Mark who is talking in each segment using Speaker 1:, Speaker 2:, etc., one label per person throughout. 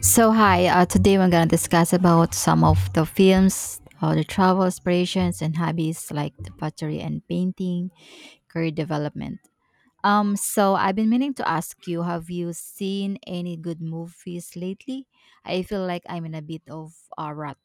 Speaker 1: So hi, today we're gonna discuss about some of the films, or the travel aspirations and hobbies like the pottery and painting, career development. So I've been meaning to ask you, have you seen any good movies lately? I feel like I'm in a bit of a rut.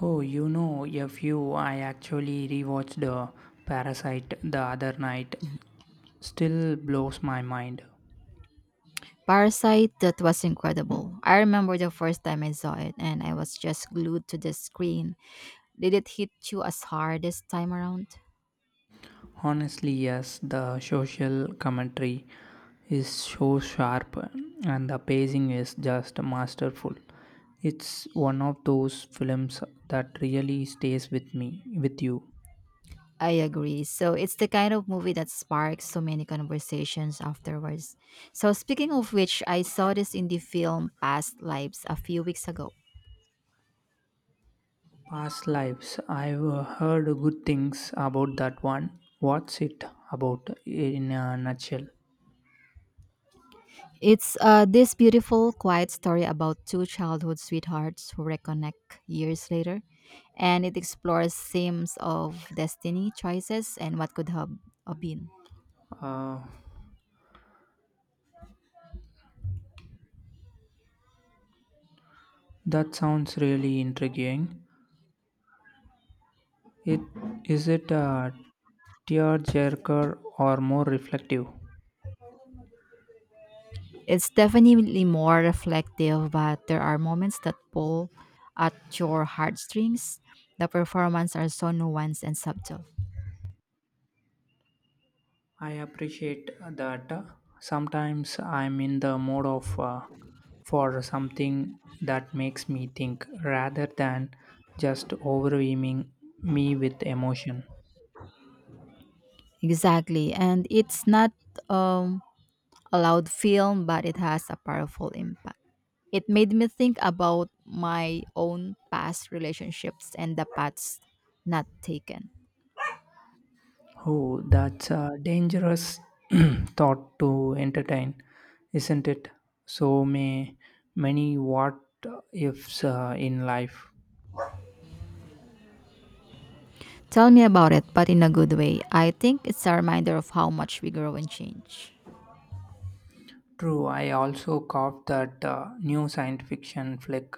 Speaker 2: Oh, you know, a few. I actually rewatched The Parasite the other night. Still blows my mind.
Speaker 1: Parasite, that was incredible. I remember the first time I saw it, and I was just glued to the screen. Did it hit you as hard this time around?
Speaker 2: Honestly, yes, the social commentary is so sharp and the pacing is just masterful. It's one of those films that really stays with me, with you.
Speaker 1: I agree. So it's the kind of movie that sparks so many conversations afterwards. So speaking of which, I saw this indie film Past Lives a few weeks ago.
Speaker 2: Past Lives. I've heard good things about that one. What's it about in a nutshell?
Speaker 1: It's this beautiful, quiet story about two childhood sweethearts who reconnect years later, and it explores themes of destiny, choices, and what could have been.
Speaker 2: Uh, That sounds really intriguing. It is it a tearjerker or more reflective?
Speaker 1: It's definitely more reflective, but there are moments that pull at your heartstrings. The performances are so nuanced and subtle.
Speaker 2: I appreciate that. Sometimes I'm in the mode of for something that makes me think rather than just overwhelming me with emotion.
Speaker 1: Exactly, and it's not um, a loud film, but it has a powerful impact. It made me think about my own past relationships and the paths not taken.
Speaker 2: Oh, that's a dangerous thought to entertain, isn't it? So may many what ifs in life.
Speaker 1: Tell me about it, but in a good way. I think it's a reminder of how much we grow and change.
Speaker 2: True, I also caught that new science fiction flick,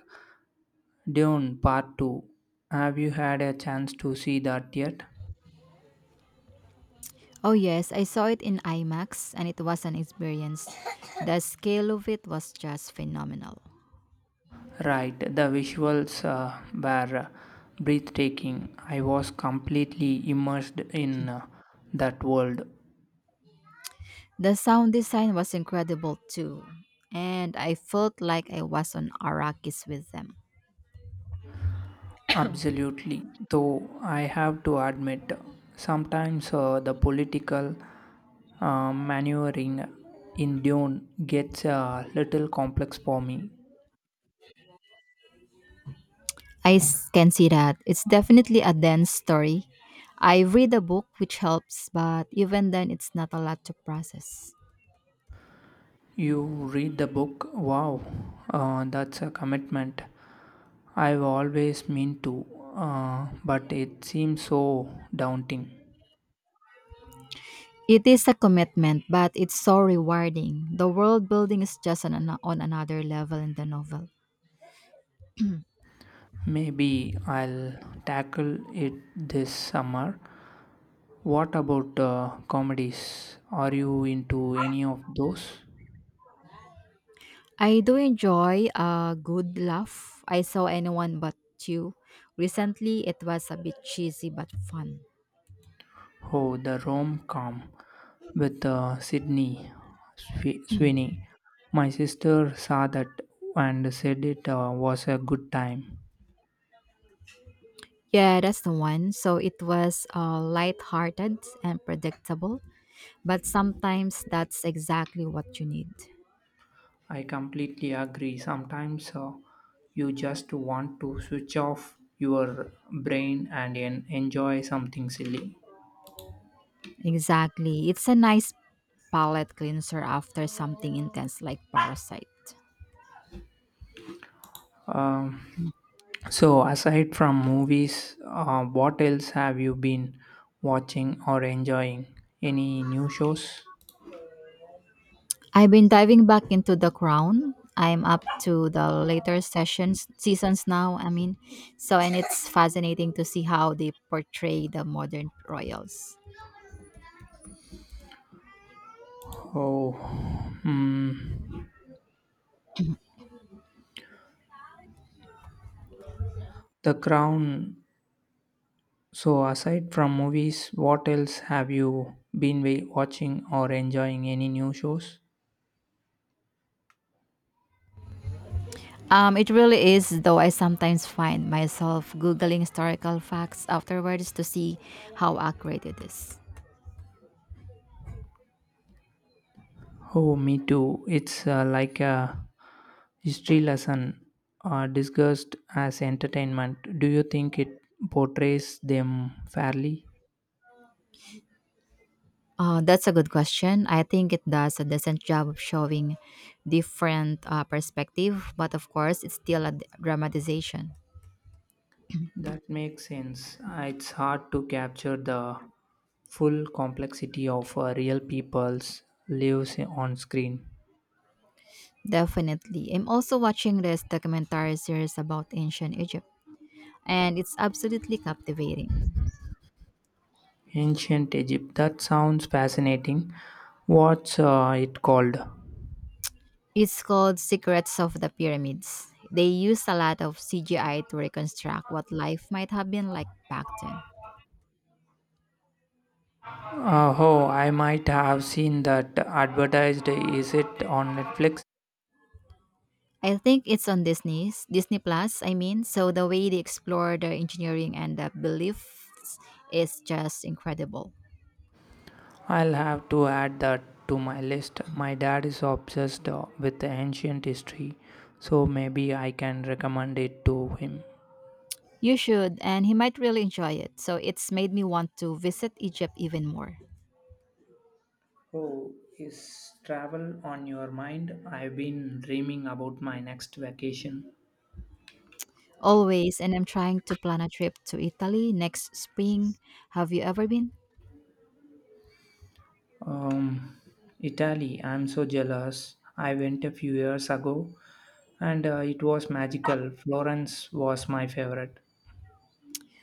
Speaker 2: Dune Part 2. Have you had a chance to see that yet?
Speaker 1: Oh, yes, I saw it in IMAX and it was an experience. The scale of it was just phenomenal.
Speaker 2: Right, the visuals were breathtaking. I was completely immersed in that world.
Speaker 1: The sound design was incredible too, and I felt like I was on Arrakis with them.
Speaker 2: Absolutely. Though I have to admit, sometimes the political maneuvering in Dune gets a little complex for me.
Speaker 1: Can see that. It's definitely a dense story. I read a book which helps, but even then, it's not a lot to process.
Speaker 2: You read the book? Wow, that's a commitment. I've always meant to, but it seems so daunting.
Speaker 1: It is a commitment, but it's so rewarding. The world building is just on another level in the novel.
Speaker 2: Maybe I'll tackle it this summer. What about comedies? Are you into any of those?
Speaker 1: I do enjoy a good laugh. I saw anyone but you. Recently, it was a bit cheesy but fun.
Speaker 2: Oh, the rom com with Sydney Sweeney. My sister saw that and said it was a good time.
Speaker 1: Yeah, that's the one. So it was light-hearted and predictable, but sometimes that's exactly what you need.
Speaker 2: I completely agree. Sometimes you just want to switch off your brain and enjoy something silly.
Speaker 1: Exactly. It's a nice palate cleanser after something intense like Parasite.
Speaker 2: Um, so, aside from movies, what else have you been watching or enjoying? Any new shows?
Speaker 1: I've been diving back into The Crown. I'm up to the later sessions seasons now, I mean. So and it's fascinating to see how they portray the modern royals.
Speaker 2: Oh, mm, The Crown. So, aside from movies, what else have you been watching or enjoying? Any new shows?
Speaker 1: It really is, though I sometimes find myself googling historical facts afterwards to see how accurate it is.
Speaker 2: Oh, me too. It's like a history lesson discussed as entertainment. Do you think it portrays them fairly?
Speaker 1: That's a good question. I think it does a decent job of showing different perspective, but of course, it's still a dramatization.
Speaker 2: That makes sense. It's hard to capture the full complexity of real people's lives on screen.
Speaker 1: Definitely. I'm also watching this documentary series about ancient Egypt, and it's absolutely captivating.
Speaker 2: Ancient Egypt. That sounds fascinating. What's it called?
Speaker 1: It's called Secrets of the Pyramids. They used a lot of CGI to reconstruct what life might have been like back then.
Speaker 2: Oh, I might have seen that advertised. Is it on Netflix?
Speaker 1: I think it's on Disney Plus, I mean. So the way they explore the engineering and the beliefs is just incredible.
Speaker 2: I'll have to add that to my list. My dad is obsessed with the ancient history, so maybe I can recommend it to him.
Speaker 1: You should, and he might really enjoy it. So it's made me want to visit Egypt even more.
Speaker 2: Oh, is travel on your mind? I've been dreaming about my next vacation.
Speaker 1: Always, and I'm trying to plan a trip to Italy next spring. Have you ever been?
Speaker 2: Um, Italy, I'm so jealous. I went a few years ago and it was magical. Florence was my favorite.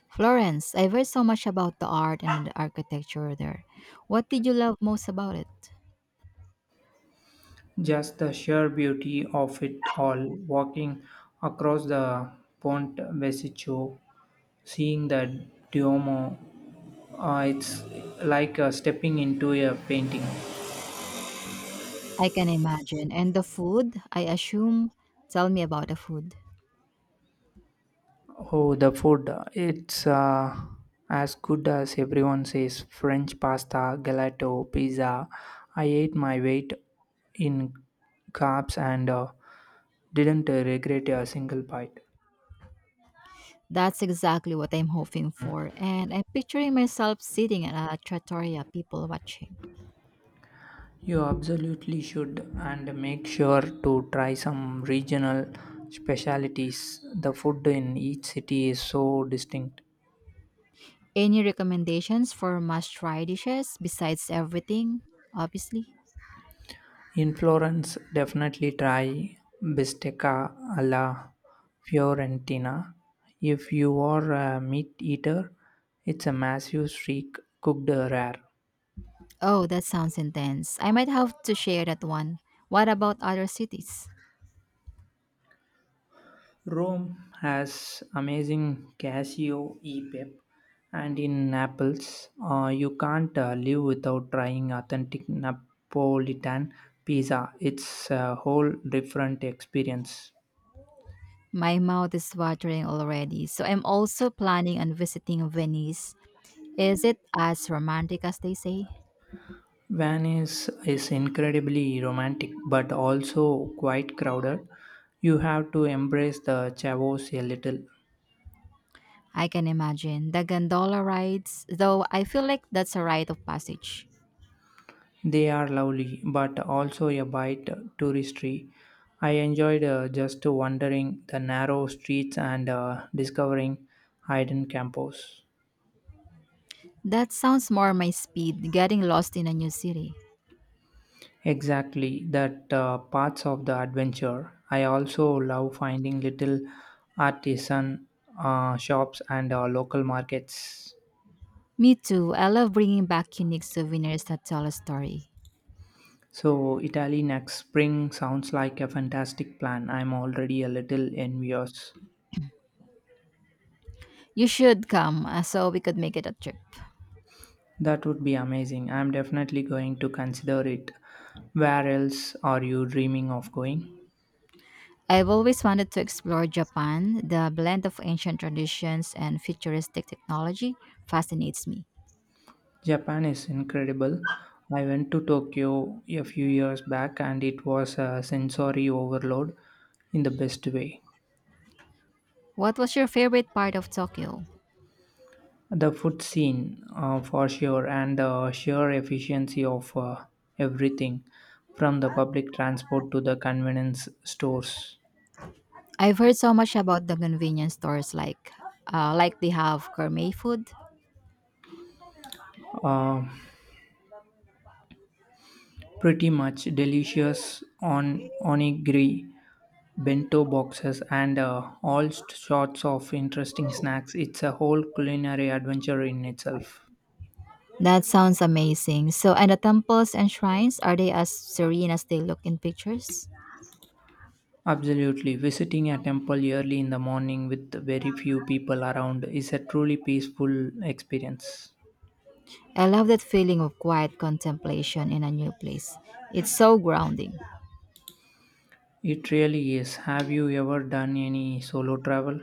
Speaker 1: Florence, I've heard so much about the art and the architecture there. What did you love most about it?
Speaker 2: Just the sheer beauty of it all, walking across the Ponte Vecchio, seeing the Duomo, it's like stepping into a painting.
Speaker 1: I can imagine. And the food, I assume. Tell me about the food.
Speaker 2: Oh, the food. It's as good as everyone says. French pasta, gelato, pizza. I ate my weight in carbs and didn't regret a single bite.
Speaker 1: That's exactly what I'm hoping for, and I'm picturing myself sitting at a trattoria, people watching.
Speaker 2: You absolutely should, and make sure to try some regional specialties. The food in each city is so distinct.
Speaker 1: Any recommendations for must try dishes besides everything, obviously?
Speaker 2: In Florence, definitely try bistecca alla Fiorentina. If you are a meat eater, it's a massive streak cooked rare.
Speaker 1: Oh, that sounds intense. I might have to share that one. What about other cities?
Speaker 2: Rome has amazing Casio e Pep, and in Naples, you can't live without trying authentic Napolitan pizza. It's a whole different experience.
Speaker 1: My mouth is watering already, so I'm also planning on visiting Venice. Is it as romantic as they say?
Speaker 2: Venice is incredibly romantic but also quite crowded. You have to embrace the chavos a little.
Speaker 1: I can imagine. The gondola rides, though I feel like that's a rite of passage.
Speaker 2: They are lovely, but also a bit touristy. I enjoyed just wandering the narrow streets and discovering hidden campos.
Speaker 1: That sounds more my speed, getting lost in a new city.
Speaker 2: Exactly, that parts of the adventure. I also love finding little artisan shops and local markets.
Speaker 1: Me too. I love bringing back unique souvenirs that tell a story.
Speaker 2: So, Italy next spring sounds like a fantastic plan. I'm already a little envious.
Speaker 1: You should come, so we could make it a trip.
Speaker 2: That would be amazing. I'm definitely going to consider it. Where else are you dreaming of going?
Speaker 1: I've always wanted to explore Japan. The blend of ancient traditions and futuristic technology fascinates me.
Speaker 2: Japan is incredible. I went to Tokyo a few years back and it was a sensory overload in the best way.
Speaker 1: What was your favorite part of Tokyo?
Speaker 2: The food scene, for sure, and the sheer efficiency of everything from the public transport to the convenience stores.
Speaker 1: I've heard so much about the convenience stores like they have gourmet food.
Speaker 2: Uh, Pretty much delicious on onigiri bento boxes, and all sorts of interesting snacks. It's a whole culinary adventure in itself.
Speaker 1: That sounds amazing. So, and the temples and shrines, are they as serene as they look in pictures?
Speaker 2: Absolutely. Visiting a temple early in the morning with very few people around is a truly peaceful experience.
Speaker 1: I love that feeling of quiet contemplation in a new place. It's so grounding.
Speaker 2: It really is. Have you ever done any solo travel?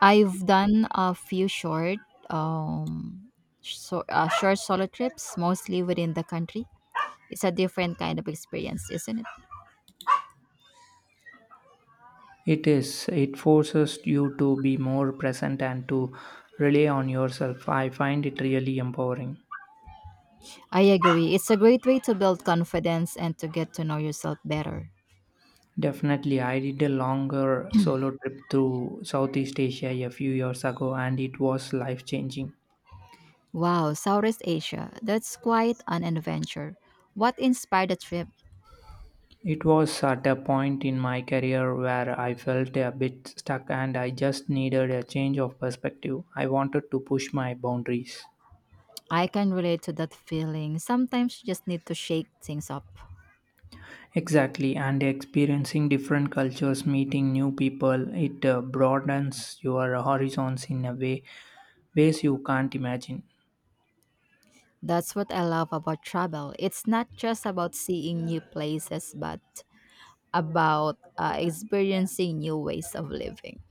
Speaker 1: I've done a few um, short solo trips, mostly within the country. It's a different kind of experience, isn't it?
Speaker 2: It is. It forces you to be more present and to rely on yourself. I find it really empowering.
Speaker 1: I agree. It's a great way to build confidence and to get to know yourself better.
Speaker 2: Definitely, I did a longer solo trip through Southeast Asia a few years ago and it was life changing.
Speaker 1: Wow, Southeast Asia. That's quite an adventure. What inspired the trip?
Speaker 2: It was at a point in my career where I felt a bit stuck and I just needed a change of perspective. I wanted to push my boundaries.
Speaker 1: I can relate to that feeling. Sometimes you just need to shake things up.
Speaker 2: Exactly, and experiencing different cultures, meeting new people, it broadens your horizons in a ways you can't imagine.
Speaker 1: That's what I love about travel. It's not just about seeing new places, but about experiencing new ways of living.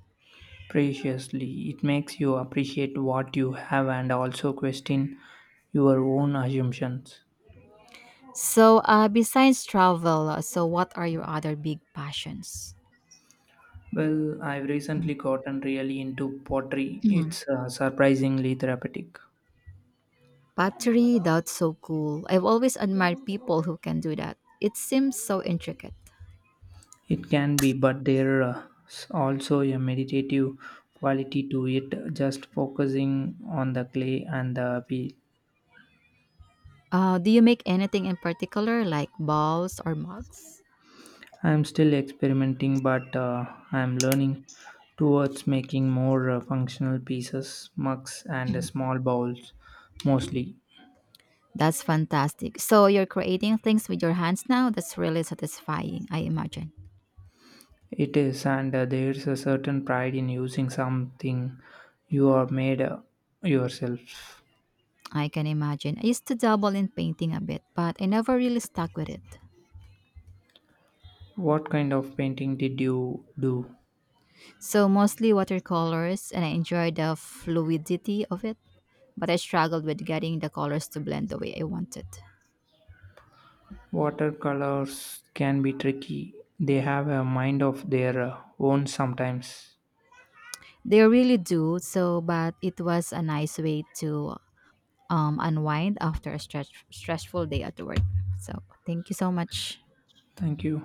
Speaker 2: Preciously, it makes you appreciate what you have and also question your own assumptions.
Speaker 1: So, besides travel, so what are your other big passions?
Speaker 2: Well, I've recently gotten really into pottery.
Speaker 1: Mhm.
Speaker 2: It's surprisingly therapeutic.
Speaker 1: Pottery, that's so cool. I've always admired people who can do that. It seems so intricate.
Speaker 2: It can be, but there's also a meditative quality to it, just focusing on the clay and the wheel.
Speaker 1: Do you make anything in particular, like balls or mugs?
Speaker 2: I'm still experimenting, but I'm learning towards making more functional pieces, mugs, and small bowls mostly.
Speaker 1: That's fantastic. So, you're creating things with your hands now? That's really satisfying, I imagine.
Speaker 2: It is, and there's a certain pride in using something you are made yourself.
Speaker 1: I can imagine. I used to dabble in painting a bit, but I never really stuck with it.
Speaker 2: What kind of painting did you do?
Speaker 1: So mostly watercolors, and I enjoyed the fluidity of it, but I struggled with getting the colors to blend the way I wanted.
Speaker 2: Watercolors can be tricky, they have a mind of their own sometimes.
Speaker 1: They really do, so but it was a nice way to unwind after a stressful day at work. So thank you so much.
Speaker 2: Thank you.